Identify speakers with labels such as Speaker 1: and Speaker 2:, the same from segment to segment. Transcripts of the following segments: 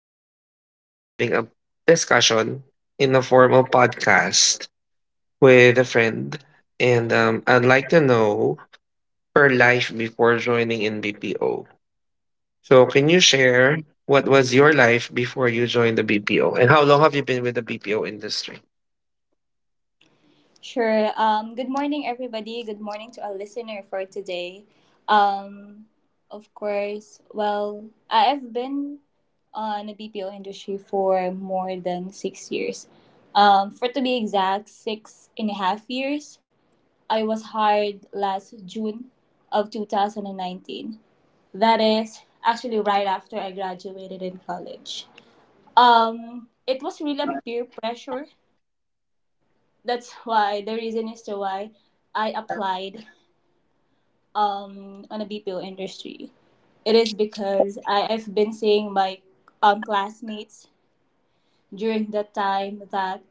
Speaker 1: excited because we'll be having a discussion in the form of podcast with a friend. And I'd like to know her life before joining in BPO. So can you share what was your life before you joined the BPO and how long have you been with the BPO industry?
Speaker 2: Sure. Good morning, everybody. Good morning to our listener for today. Um, of course, well, I've been on the BPO industry for more than 6 years. For to be exact, 6.5 years. I was hired last June of 2019. That is actually right after I graduated in college. It was really a peer pressure, that's why the reason is to why I applied on a BPO industry. It is because I've been seeing my classmates during that time that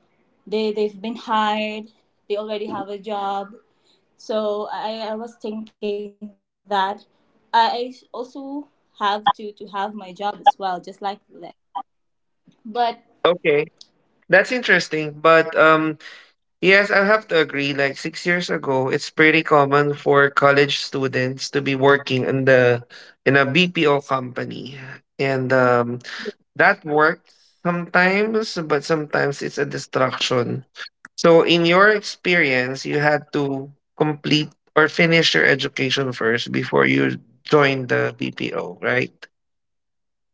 Speaker 2: they've been hired. They already have a job. So I was thinking that I also have to have my job as well, just like them. But
Speaker 1: Okay. That's interesting. But yes, I have to agree. Like 6 years ago, it's pretty common for college students to be working in the in a BPO company, and that works sometimes, but sometimes it's a distraction. So, in your experience, you had to complete or finish your education first before you joined the BPO, right?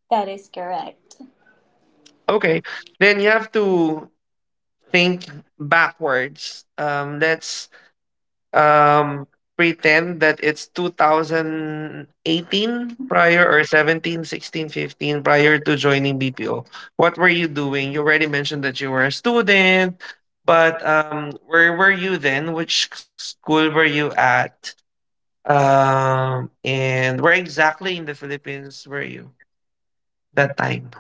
Speaker 2: that is correct.
Speaker 1: Okay, then you have to think backwards. Let's um, pretend that it's 2018 prior or 17, 16, 15 prior to joining BPO. What were you doing? You already mentioned that you were a student, but where were you then? Which school were you at? And where exactly in the Philippines were you that time?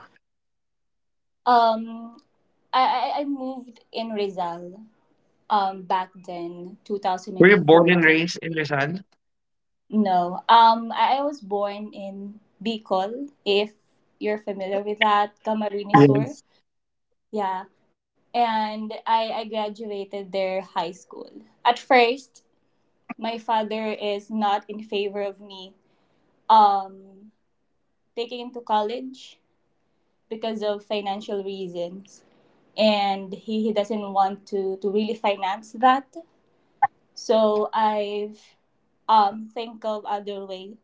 Speaker 2: Um I moved in Rizal back then
Speaker 1: Were you born and
Speaker 2: 2014.
Speaker 1: raised in Rizal?
Speaker 2: No, I was born in Bicol, if you're familiar with that. Sur.
Speaker 1: Yes.
Speaker 2: Yeah, and I graduated their high school. At first, my father is not in favor of me um taking into college because of financial reasons, and he doesn't want to really finance that. So I've think of other way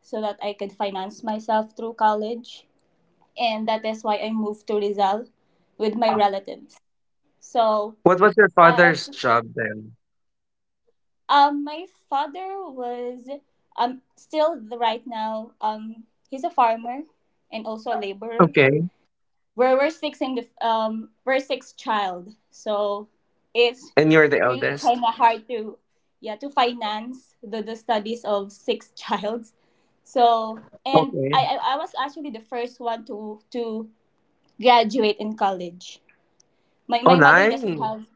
Speaker 2: so that I could finance myself through college, and that is why I moved to Rizal with my relatives. So,
Speaker 1: What was your
Speaker 2: I
Speaker 1: father's job then?
Speaker 2: my father was, still, right now, he's a farmer and also a laborer.
Speaker 1: Okay.
Speaker 2: We're six in the we're six child. So it's
Speaker 1: And you're the
Speaker 2: really
Speaker 1: eldest?
Speaker 2: kind of hard to, yeah, to finance the studies of six childs. So. And I,
Speaker 1: Okay.
Speaker 2: I i was actually the first one to graduate in college. my
Speaker 1: Oh,
Speaker 2: my mother doesn't
Speaker 1: nice.
Speaker 2: have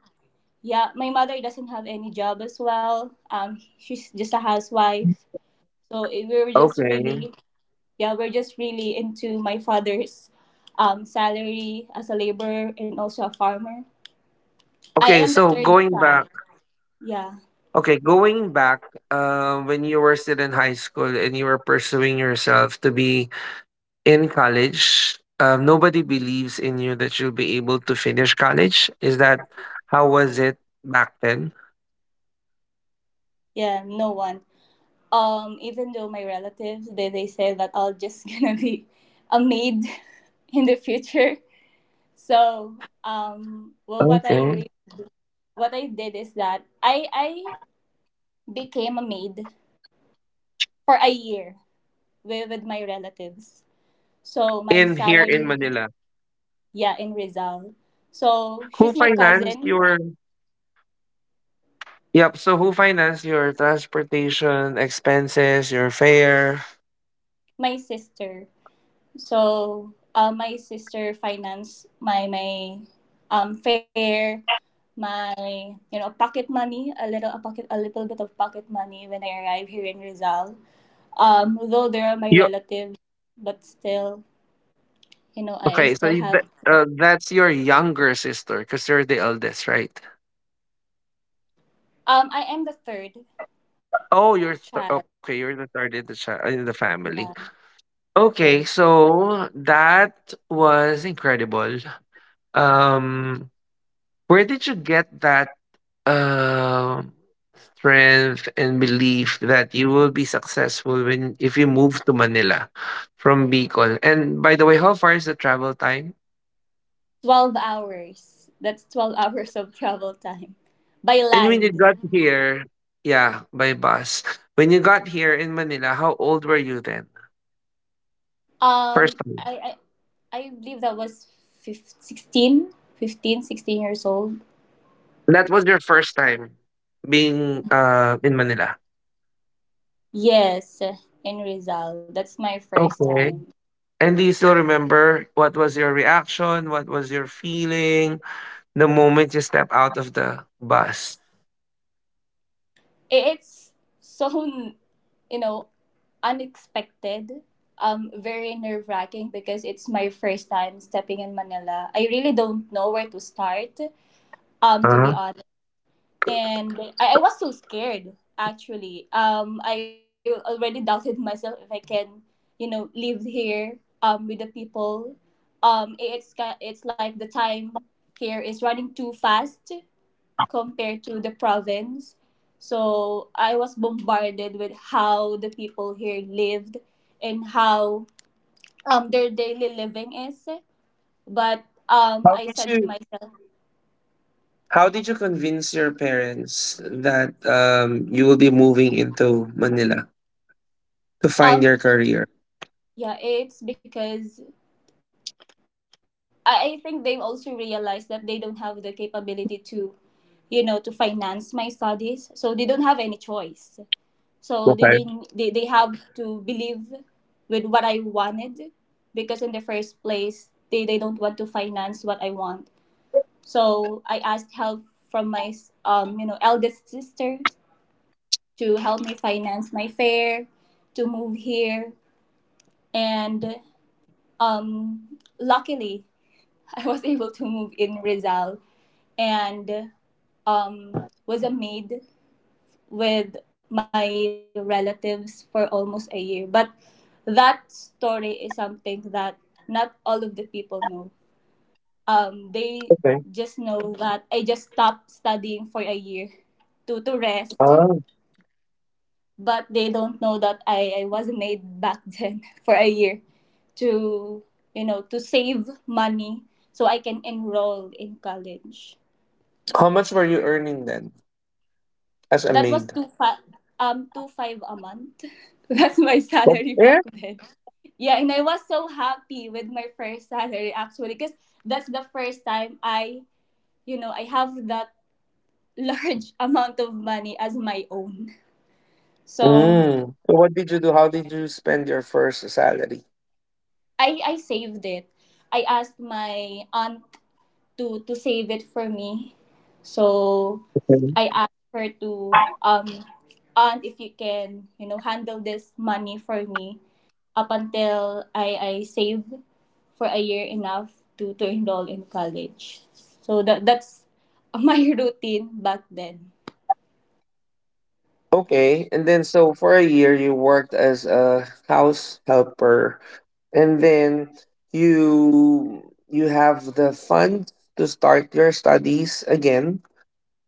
Speaker 2: Yeah, my mother doesn't have any job as well. Um, she's just a housewife. So it, we were just
Speaker 1: Okay.
Speaker 2: really yeah, we're just really into my father's salary as a laborer and also a farmer. I
Speaker 1: Okay,
Speaker 2: am the
Speaker 1: so
Speaker 2: third
Speaker 1: going back,
Speaker 2: child. Yeah,
Speaker 1: okay, going back, when you were still in high school and you were pursuing yourself to be in college, nobody believes in you that you'll be able to finish college. Is that how was it back then?
Speaker 2: yeah, no one. Even though my relatives, they say that I'll just gonna be a maid in the future. So, well,
Speaker 1: Okay.
Speaker 2: what I did is that I became a maid for a year with, my relatives. So my
Speaker 1: In here in
Speaker 2: salary.
Speaker 1: Manila,
Speaker 2: Yeah, in Rizal. So
Speaker 1: who
Speaker 2: she's my
Speaker 1: financed
Speaker 2: cousin.
Speaker 1: your? Yep. So who financed your transportation expenses, your fare?
Speaker 2: My sister. So, my sister finance my fare, my pocket money, a little bit of pocket money when I arrive here in Rizal. Though they are my
Speaker 1: You
Speaker 2: relatives, but still, I
Speaker 1: okay? So
Speaker 2: still
Speaker 1: you,
Speaker 2: have.
Speaker 1: that's your younger sister because you're the eldest, right?
Speaker 2: I am the third
Speaker 1: Oh, you're th
Speaker 2: child.
Speaker 1: okay, you're the third in the chi in the family.
Speaker 2: Yeah, right.
Speaker 1: Okay, so that was incredible. Um, where did you get that um strength and belief that you will be successful when if you move to Manila from Bicol? And by the way, how far is the travel time?
Speaker 2: 12 hours. That's 12 hours of travel time by
Speaker 1: And when you
Speaker 2: land.
Speaker 1: got here, yeah, by bus. When you got here in Manila, how old were you then? First
Speaker 2: Um,
Speaker 1: time.
Speaker 2: I, I believe that was 15, sixteen, 15, 16 years old.
Speaker 1: That was your first time being, in Manila?
Speaker 2: Yes, in Rizal. That's my first
Speaker 1: Okay.
Speaker 2: time.
Speaker 1: And do you still remember what was your reaction? What was your feeling the moment you step out of the bus?
Speaker 2: It's so, you know, unexpected, very nerve wracking because it's my first time stepping in Manila. I really don't know where to start, to be
Speaker 1: Uh-huh.
Speaker 2: honest. And I was so scared actually. Um i already doubted myself if I can, live here with the people. It's like the time here is running too fast compared to the province. So I was bombarded with how the people here lived, and how their daily living is. But
Speaker 1: How
Speaker 2: I
Speaker 1: did
Speaker 2: said to
Speaker 1: you
Speaker 2: myself.
Speaker 1: how did you convince your parents that you will be moving into Manila to find your career?
Speaker 2: Um, yeah, it's because I think they've also realized that they don't have the capability to, to finance my studies. So they don't have any choice. So they they
Speaker 1: Okay.
Speaker 2: they, they have to believe with what I wanted, because in the first place they don't want to finance what I want. So I asked help from my eldest sister to help me finance my fare to move here. And um luckily, I was able to move in Rizal, and was a maid with my relatives for almost a year. But that story is something that not all of the people know. They
Speaker 1: Okay.
Speaker 2: just know that I just stopped studying for a year to, rest,
Speaker 1: Ah,
Speaker 2: but they don't know that I was a maid back then for a year to, to save money so I can enroll in college.
Speaker 1: how much were you earning then as a
Speaker 2: That was
Speaker 1: maid?
Speaker 2: two five a month. That's my
Speaker 1: What?
Speaker 2: salary back
Speaker 1: It?
Speaker 2: then. Yeah, and I was so happy with my first salary actually, because that's the first time I you know I have that large amount of money as my own. So
Speaker 1: Mm. So what did you do? How did you spend your first salary?
Speaker 2: I saved it. I asked my aunt to save it for me. So I asked her to, aunt, if you can, handle this money for me up until I save for a year enough to enroll in college. So that's my routine back then.
Speaker 1: Okay, and then so for a year you worked as a house helper, and then you have the funds to start your studies again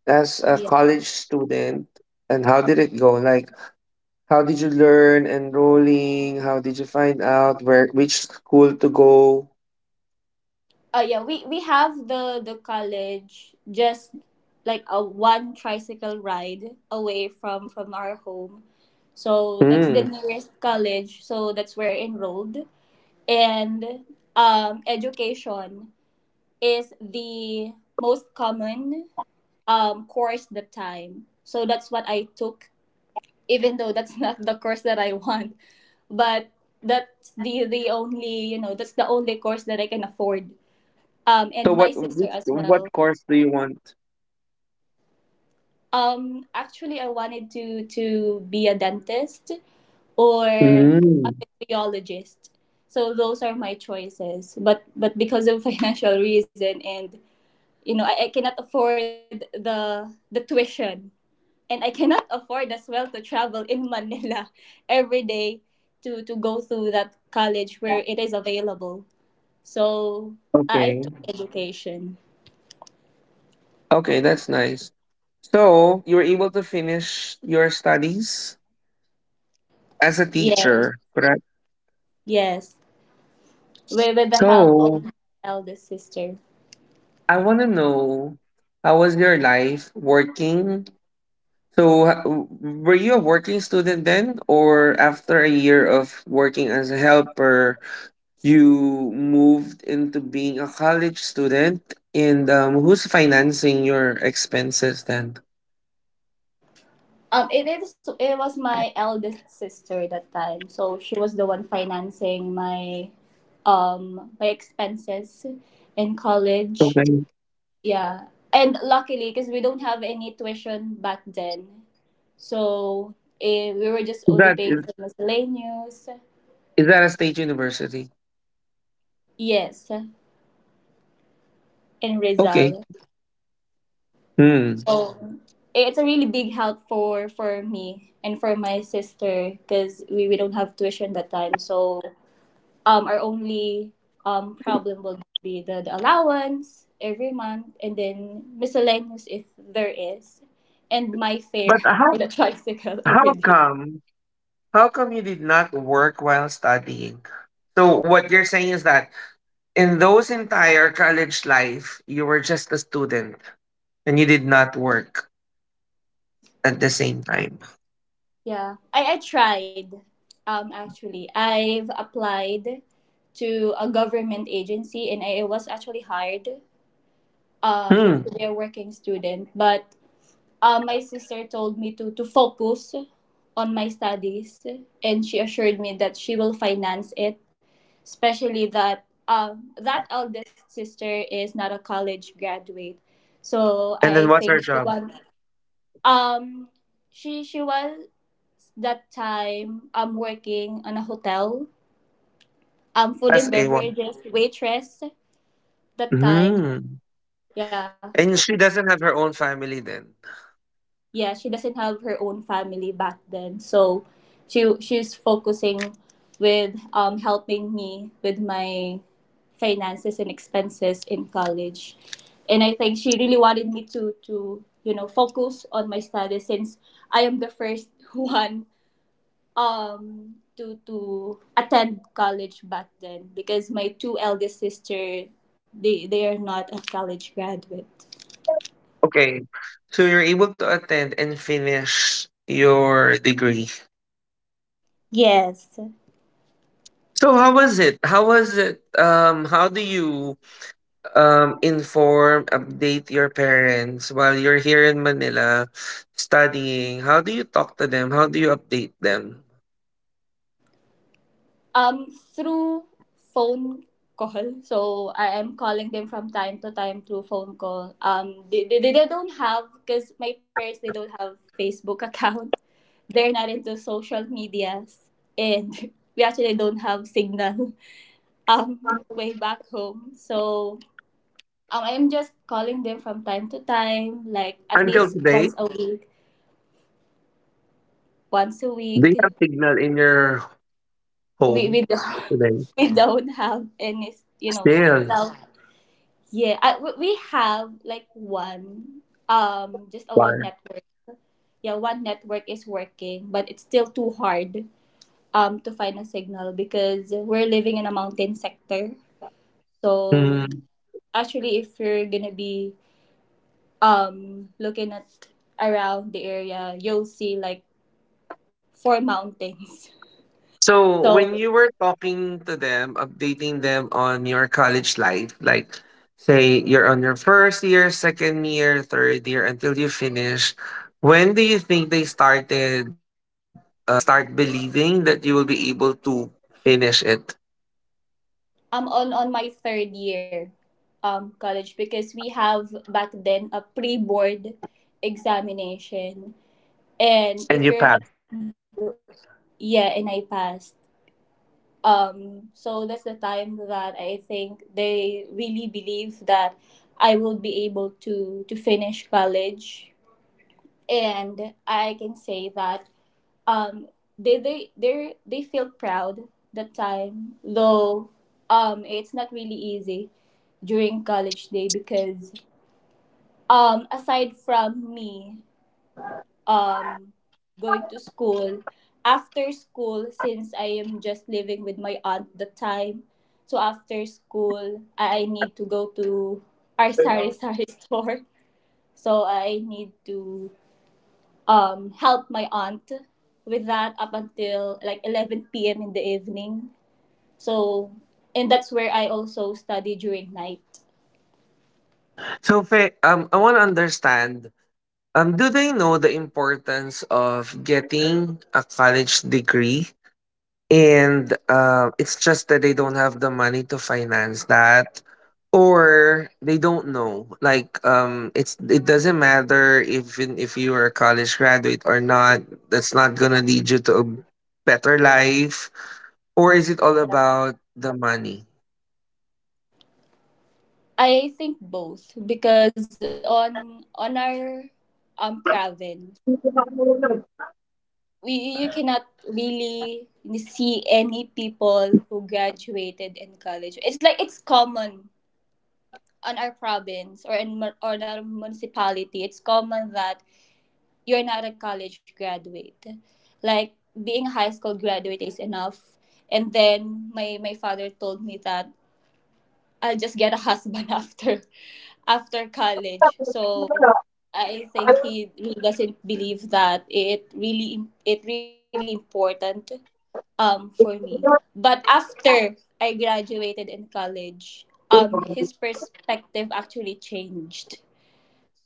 Speaker 1: as a
Speaker 2: Yeah.
Speaker 1: college student. And how did it go? Like, how did you learn enrolling? How did you find out where which school to go?
Speaker 2: Yeah, we have the college just like a one tricycle ride away from, our home. So that's the
Speaker 1: Hmm.
Speaker 2: nearest college. So that's where I enrolled. And, education is the most common, course that time. So that's what I took, even though that's not the course that I want. But that's the only course that I can afford,
Speaker 1: So
Speaker 2: and my
Speaker 1: what
Speaker 2: sister
Speaker 1: which,
Speaker 2: as
Speaker 1: what
Speaker 2: well.
Speaker 1: course do you want?
Speaker 2: Actually, I wanted to be a dentist or a
Speaker 1: Hmm.
Speaker 2: radiologist. So those are my choices. But, because of financial reason, and I cannot afford the tuition. And I cannot afford as well to travel in Manila every day to go through that college where it is available. So I
Speaker 1: Okay.
Speaker 2: took education.
Speaker 1: Okay, that's nice. So you were able to finish your studies as a
Speaker 2: Yeah.
Speaker 1: teacher, correct?
Speaker 2: Yes. With the help
Speaker 1: So
Speaker 2: of my eldest sister.
Speaker 1: I want to know how was your life working? So were you a working student then, or after a year of working as a helper, you moved into being a college student? And who's financing your expenses then?
Speaker 2: It was my eldest sister that time, so she was the one financing my expenses in college.
Speaker 1: Okay,
Speaker 2: Yeah, and luckily, because we don't have any tuition back then, so, we were just
Speaker 1: is
Speaker 2: only
Speaker 1: that
Speaker 2: paying
Speaker 1: is,
Speaker 2: for miscellaneous.
Speaker 1: is that a state university?
Speaker 2: Yes, in
Speaker 1: Okay.
Speaker 2: Rizal.
Speaker 1: Hmm.
Speaker 2: So it's a really big help for, me and for my sister, because we don't have tuition that time. So our only problem will be the allowance every month, and then miscellaneous if there is, and my
Speaker 1: But
Speaker 2: fare
Speaker 1: how
Speaker 2: for the tricycle every
Speaker 1: how
Speaker 2: day.
Speaker 1: come How come you did not work while studying? So what you're saying is that in those entire college life, you were just a student and you did not work at the same time.
Speaker 2: Yeah. I tried, actually. I've applied to a government agency, and I was actually hired
Speaker 1: Hmm.
Speaker 2: to be a working student. But. My sister told me to, focus on my studies, and she assured me that she will finance it, especially that, that eldest sister is not a college graduate. So
Speaker 1: And then
Speaker 2: I
Speaker 1: what's her
Speaker 2: think she
Speaker 1: job?
Speaker 2: was. Um she she was that time, working on a hotel, food
Speaker 1: As
Speaker 2: and
Speaker 1: a one.
Speaker 2: beverages waitress that time.
Speaker 1: Hmm.
Speaker 2: Yeah.
Speaker 1: And she doesn't have her own family then.
Speaker 2: Yeah, she doesn't have her own family back then. So she's focusing with, helping me with my finances and expenses in college. And I think she really wanted me to focus on my studies, since I am the first one, to attend college back then, because my two eldest sister, they are not a college graduate.
Speaker 1: Okay. So you're able to attend and finish your degree.
Speaker 2: Yes.
Speaker 1: So how was it? How was it? How do you inform, update your parents while you're here in Manila studying? How do you talk to them? How do you update them?
Speaker 2: Um, through phone call. So I am calling them from time to time through phone call. They don't have, because my parents, they don't have Facebook account. They're not into social medias. And we actually don't have signal um, way back home. So, I'm just calling them from time to time, like at
Speaker 1: Until
Speaker 2: least
Speaker 1: today,
Speaker 2: once a week, once a
Speaker 1: do you
Speaker 2: week.
Speaker 1: have signal in your
Speaker 2: We,
Speaker 1: home
Speaker 2: we, don't,
Speaker 1: today?
Speaker 2: we don't have any, you know,
Speaker 1: Still.
Speaker 2: self. Yeah, we have like one, just a
Speaker 1: Why?
Speaker 2: one network. Yeah, one network is working, but it's still too hard to find a signal because we're living in a mountain sector. So
Speaker 1: Hmm.
Speaker 2: actually, if you're gonna be looking at around the area, you'll see like four mountains.
Speaker 1: So
Speaker 2: So
Speaker 1: when you were talking to them, updating them on your college life, like say you're on your first year, second year, third year until you finish, when do you think they started they start believing that you will be able to finish it
Speaker 2: I'm on my third year, college because we have back then a pre-board examination, and
Speaker 1: and
Speaker 2: if
Speaker 1: you
Speaker 2: you're
Speaker 1: pass?
Speaker 2: not do- Yeah, and I passed. So that's the time that I think they really believe that I will be able to finish college. And I can say that um they feel proud that time. Though, it's not really easy during college day because, aside from me, um going to school, after school, since I am just living with my aunt the time. So after school I need to go to our sari sari store. So I need to help my aunt with that up until like 11 p.m. in the evening. So, and that's where I also study during night.
Speaker 1: So Fe, I want to understand do they know the importance of getting a college degree? And it's just that they don't have the money to finance that, or they don't know. Like, it doesn't matter if you are a college graduate or not. That's not gonna lead you to a better life. Or is it all about the money?
Speaker 2: I think both, because on our province, we you cannot really see any people who graduated in college. It's like it's common on our province, or or in our municipality. It's common that you're not a college graduate. Like being a high school graduate is enough. And then my father told me that I'll just get a husband after college. So I think he really doesn't believe that it really important for me. But after I graduated in college, his perspective actually changed.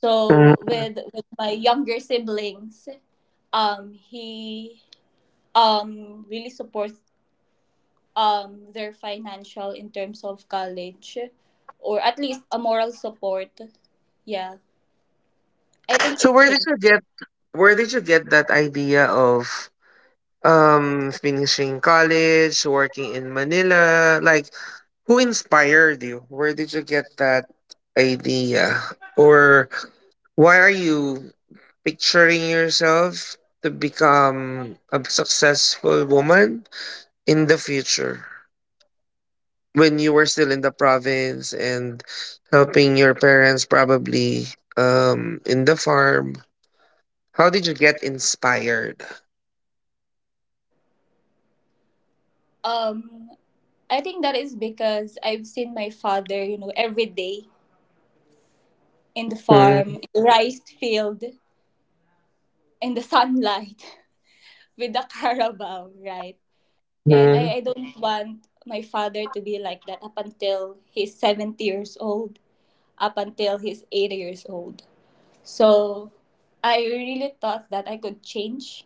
Speaker 2: So
Speaker 1: Mhm.
Speaker 2: with my younger siblings, he really supports their financial in terms of college, or at least a moral support. Yeah. I think
Speaker 1: So
Speaker 2: it
Speaker 1: where did
Speaker 2: changed.
Speaker 1: you get where did you get that idea of finishing college, working in Manila, like who inspired you? Where did you get that idea? Or why are you picturing yourself to become a successful woman in the future when you were still in the province and helping your parents, probably in the farm? How did you get inspired?
Speaker 2: Um I think that is because I've seen my father, every day in the farm, in the rice field. And the sunlight with the Carabao, right? And I,
Speaker 1: Mhm.
Speaker 2: I don't want my father to be like that up until he's 70 years old, up until he's 80 years old. So I really thought that I could change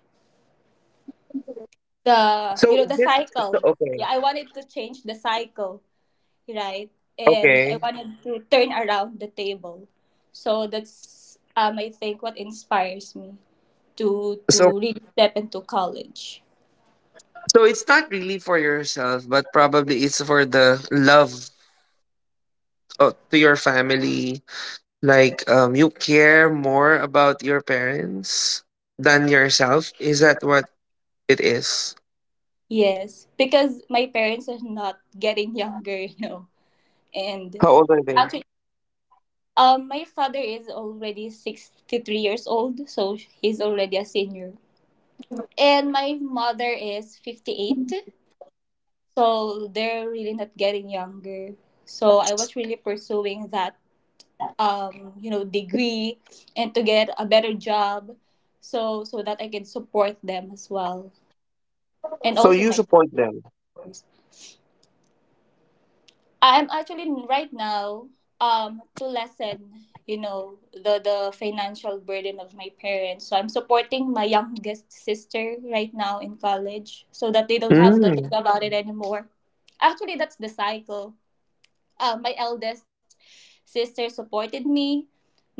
Speaker 2: the,
Speaker 1: So
Speaker 2: you know, the
Speaker 1: is it? So,
Speaker 2: cycle.
Speaker 1: okay.
Speaker 2: Yeah, I wanted to change the cycle, right? And I
Speaker 1: Okay.
Speaker 2: wanted to turn around the table. So that's, I think, what inspires me to
Speaker 1: So
Speaker 2: to really step into college.
Speaker 1: so it's not really for yourself, but probably it's for the love, to your family. Like, you care more about your parents than yourself. Is that what it is?
Speaker 2: Yes, because my parents are not getting younger. And
Speaker 1: How old are they?
Speaker 2: actually, my father is already 63 years old, so he's already a senior. And my mother is 58, so they're really not getting younger. So I was really pursuing that degree and to get a better job, so that I can support them as well. And
Speaker 1: So
Speaker 2: also
Speaker 1: you
Speaker 2: my sisters.
Speaker 1: support
Speaker 2: Of
Speaker 1: them.
Speaker 2: course. I'm actually right now to lessen, the financial burden of my parents. So I'm supporting my youngest sister right now in college so that they don't have to think
Speaker 1: Mm.
Speaker 2: about it anymore. Actually, that's the cycle. My eldest sister supported me.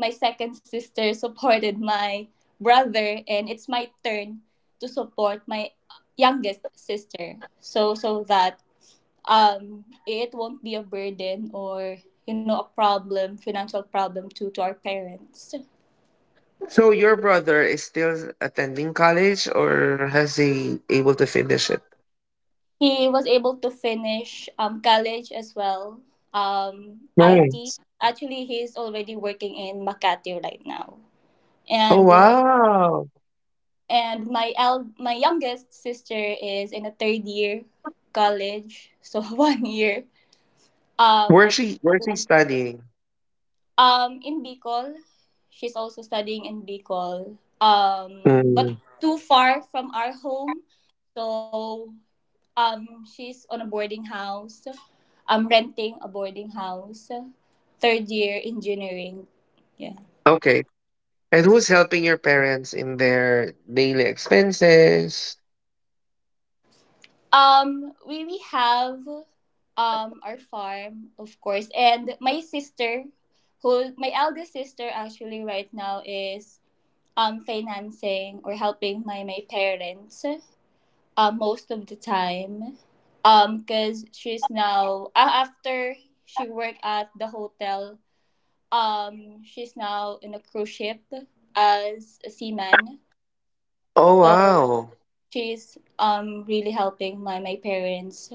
Speaker 2: My second sister supported my brother, and it's my turn to support my youngest sister. So that it won't be a burden or a problem financial problem to our parents.
Speaker 1: So your brother is still attending college or has he able to finish it?
Speaker 2: He was able to finish college as well, IT.
Speaker 1: Nice.
Speaker 2: Actually, he's already working in Makati right now.
Speaker 1: Oh
Speaker 2: and
Speaker 1: wow.
Speaker 2: and my youngest sister is in a third year college, so one year
Speaker 1: Where's
Speaker 2: up.
Speaker 1: he where's he studying?
Speaker 2: In Bicol, she's also studying in Bicol. But
Speaker 1: Mm.
Speaker 2: too far from our home, so um, she's on a boarding house. I'm renting a boarding house. Third year engineering. Yeah.
Speaker 1: Okay. And who's helping your parents in their daily expenses?
Speaker 2: We have our farm, of course, and my sister, who, my eldest sister actually right now is financing or helping my parents, most of the time, because she's now after she worked at the hotel. She's now in a cruise ship, as a seaman.
Speaker 1: Oh
Speaker 2: So
Speaker 1: wow.
Speaker 2: she's really helping my parents,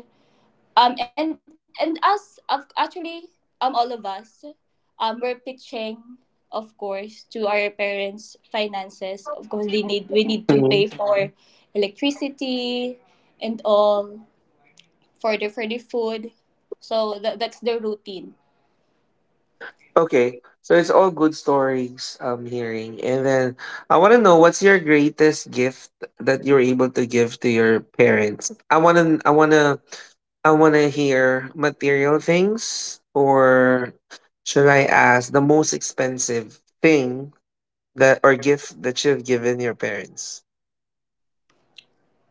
Speaker 2: and us, of actually, all of us, we're pitching, of course, to our parents finances. Of course, they need we need to
Speaker 1: Mhm.
Speaker 2: pay for electricity and all, for the food. So that's the routine.
Speaker 1: Okay. So it's all good stories I'm hearing. And then I want to know what's your greatest gift that you're able to give to your parents? I want to I want to I want to hear material things or should I ask the most expensive thing that or gift that you've given your parents?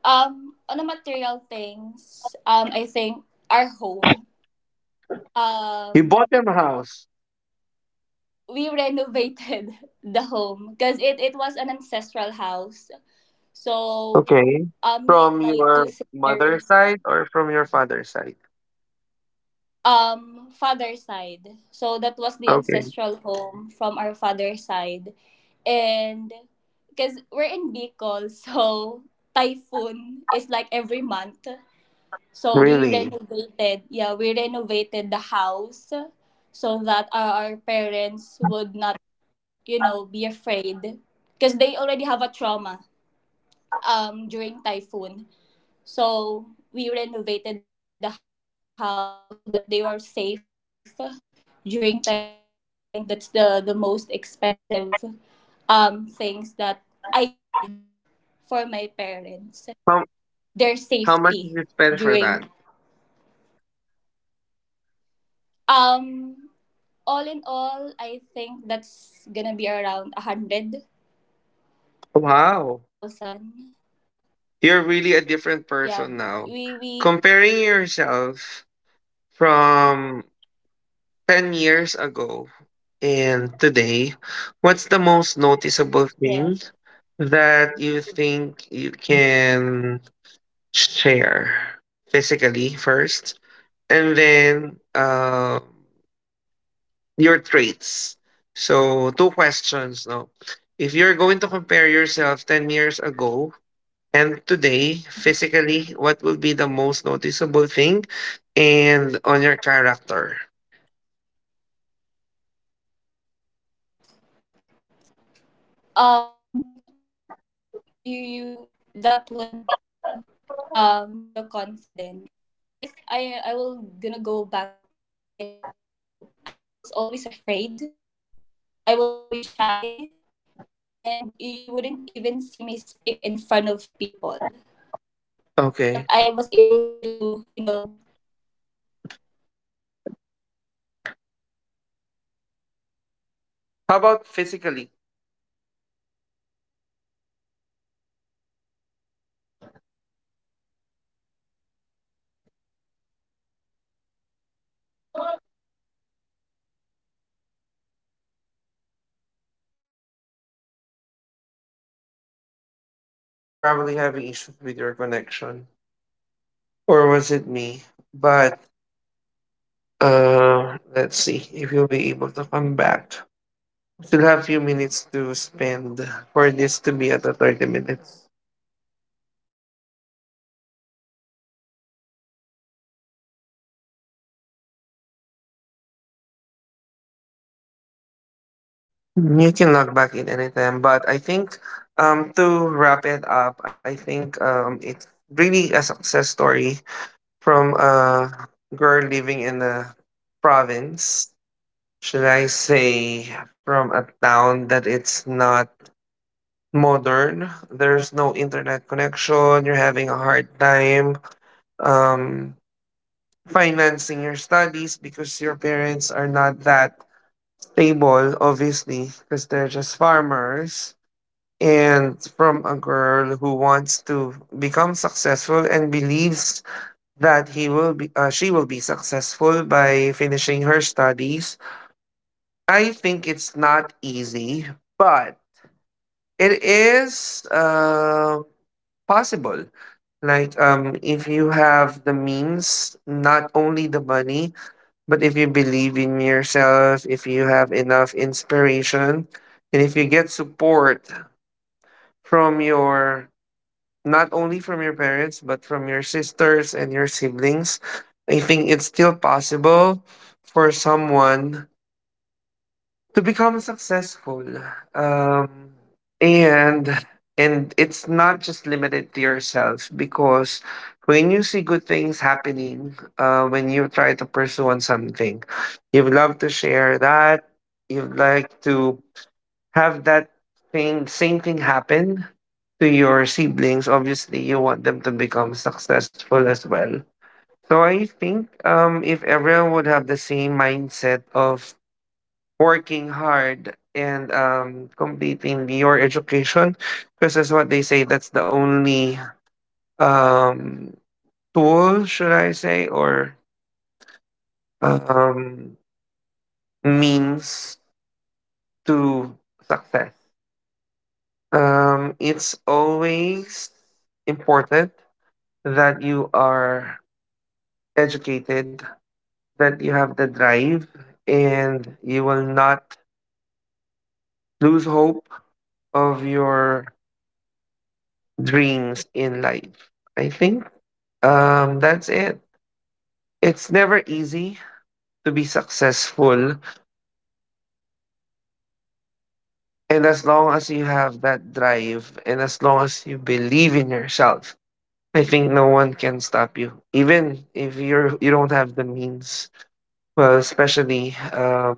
Speaker 2: On the material things, I think, our home.
Speaker 1: You
Speaker 2: Um,
Speaker 1: bought them a house.
Speaker 2: we renovated the home because it was an ancestral house. So,
Speaker 1: Okay.
Speaker 2: um, me and my
Speaker 1: From
Speaker 2: two
Speaker 1: your
Speaker 2: sisters,
Speaker 1: mother's side or from your father's side?
Speaker 2: um, father side. So that was the
Speaker 1: Okay.
Speaker 2: ancestral home from our father side, and because we're in Bicol, so typhoon is like every month. So we
Speaker 1: Really?
Speaker 2: renovated, yeah, we renovated the house so that our parents would not, be afraid, because they already have a trauma during typhoon. So we renovated the house so that they were safe during typhoon, and I think that's the most expensive things that I did for my parents.
Speaker 1: How
Speaker 2: Their safety
Speaker 1: how much did you
Speaker 2: during
Speaker 1: spend for that?
Speaker 2: um all in all, I think, that's gonna be around a hundred
Speaker 1: Wow.
Speaker 2: thousand.
Speaker 1: You're really a different
Speaker 2: Yeah,
Speaker 1: person now.
Speaker 2: we
Speaker 1: Comparing yourself from 10 years ago and today, what's the most noticeable thing
Speaker 2: yeah.
Speaker 1: that you think you can share physically first? And then your traits. So, two questions, no? If you're going to compare yourself 10 years ago and today physically, what will be the most noticeable thing and on your character?
Speaker 2: Um, I think you that would be the confidence. If I will gonna go back 10 years ago, I was always afraid. I was always shy, and you wouldn't even see me speak in front of people. But
Speaker 1: Okay.
Speaker 2: I was able to um dodged that fear
Speaker 1: How about
Speaker 2: and
Speaker 1: physically?
Speaker 2: became more confident, on a way that I won't offend any people. And I wanna tell everybody that we really have to get out of our comfort zone to make a change. And that is something
Speaker 1: You're
Speaker 2: that
Speaker 1: probably having
Speaker 2: um
Speaker 1: issues
Speaker 2: I
Speaker 1: with your
Speaker 2: think
Speaker 1: connection.
Speaker 2: changed from me from
Speaker 1: Or
Speaker 2: ten
Speaker 1: was
Speaker 2: years
Speaker 1: it me?
Speaker 2: ago.
Speaker 1: But let's see if you'll be able to come back. Still have few minutes to spend for this to be at a 30 minute. You can log back in anytime, but I think, to wrap it up, I think it's really a success story from a girl living in a province. Should I say from a town that it's not modern? There's no internet connection. You're having a hard time um financing your studies because your parents are not that stable, obviously, because they're just farmers. And from a girl who wants to become successful and believes that he will be she will be successful by finishing her studies, I think it's not easy, but it is,
Speaker 2: Wala, nag-reconnecting ako.
Speaker 1: possible. Like, if you have the means, not only the money, but if you believe in yourself, if you have enough inspiration, and if you get support from your not only from your parents but from your sisters and your siblings, I think it's still possible for someone to become successful.
Speaker 2: Yeah, wala pa
Speaker 1: um
Speaker 2: akong load.
Speaker 1: and and it's not
Speaker 2: Go.
Speaker 1: just limited to yourself, because when you see good things happening, when you try to pursue on something, you'd love to share that. You'd like to have that thing same thing happen to your siblings. Obviously, you want them to become successful as well. So I think, if everyone would have the same mindset of working hard and completing your education, because that's what they say, that's the only um tool, should I say, or um means to success. It's always important that you are educated, that you have the drive, and you will not lose hope of your dreams in life. I think, that's it. It's never easy to be successful. And as long as you have that drive and as long as you believe in yourself, I think no one can stop you, even
Speaker 2: Nagpo-podcast.
Speaker 1: if you don't have the means.
Speaker 2: Ala,
Speaker 1: Well, especially,
Speaker 2: diyan sa loob?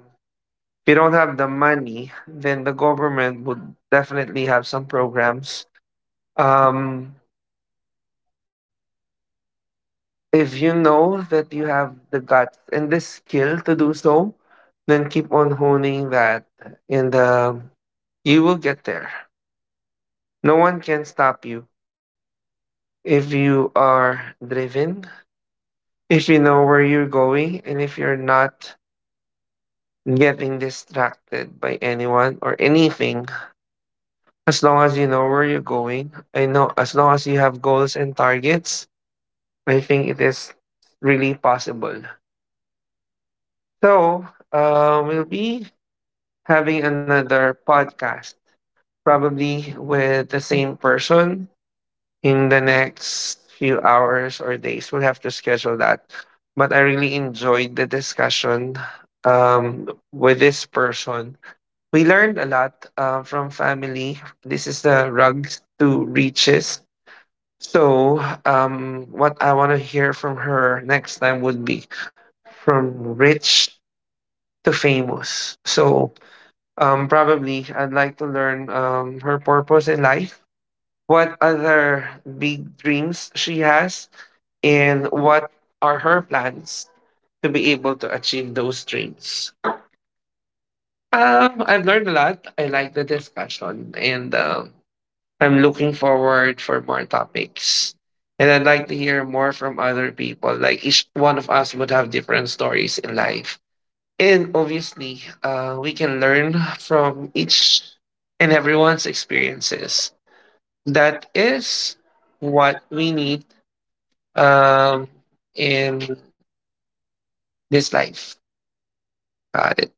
Speaker 1: if you don't have the
Speaker 2: Ano ba
Speaker 1: money,
Speaker 2: nandito?
Speaker 1: then
Speaker 2: Kasi
Speaker 1: the
Speaker 2: diba sa nag-aano
Speaker 1: government
Speaker 2: to?
Speaker 1: would
Speaker 2: Ah,
Speaker 1: definitely
Speaker 2: si
Speaker 1: have
Speaker 2: boss
Speaker 1: some
Speaker 2: yung ano ng
Speaker 1: programs.
Speaker 2: podcast. Si CM
Speaker 1: Um,
Speaker 2: yung host. Ah, si Ako CM? Yung co-host.
Speaker 1: if you
Speaker 2: Nag-reconnecting ako
Speaker 1: know
Speaker 2: wala.
Speaker 1: that you
Speaker 2: Ala,
Speaker 1: have the guts and the skill to do
Speaker 2: pero
Speaker 1: so,
Speaker 2: patapos na to, eh,
Speaker 1: then
Speaker 2: 28
Speaker 1: keep on honing
Speaker 2: na
Speaker 1: that,
Speaker 2: kaya.
Speaker 1: and you will get there. No one can stop you if you are driven, if you know where you're going, and if you're not getting distracted by anyone or anything. As long as you know where you're going, I know as long as you have goals and targets, I think it is really possible. So, we'll be having another podcast, probably with the same person in the next few hours or days. We'll have to schedule that. But I really enjoyed the discussion, um, with this person. We learned a lot, from family. This is the rugs to
Speaker 2: Podcast
Speaker 1: riches.
Speaker 2: ka kasi, bigla ka
Speaker 1: So,
Speaker 2: nag-reconnecting.
Speaker 1: what I want
Speaker 2: Ha?
Speaker 1: to hear from her next time would be from rich to famous. So, probably I'd like to learn, her purpose in life, what other big dreams she has, and what are her plans to be able to achieve those dreams. I've learned a lot. I
Speaker 2: Bigla
Speaker 1: like the
Speaker 2: akong nag-reconnecting
Speaker 1: discussion,
Speaker 2: eh.
Speaker 1: and
Speaker 2: Pero 27 minutes na
Speaker 1: I'm
Speaker 2: yun.
Speaker 1: looking forward for more
Speaker 2: Ano sabi niya?
Speaker 1: topics. And I'd like to hear more from other people. Like each one of us would
Speaker 2: Ano
Speaker 1: have
Speaker 2: yun?
Speaker 1: different stories in life.
Speaker 2: Wala na
Speaker 1: And
Speaker 2: ako.
Speaker 1: obviously, we can learn from each and everyone's experiences. That is what we need, um, in this life. Got it.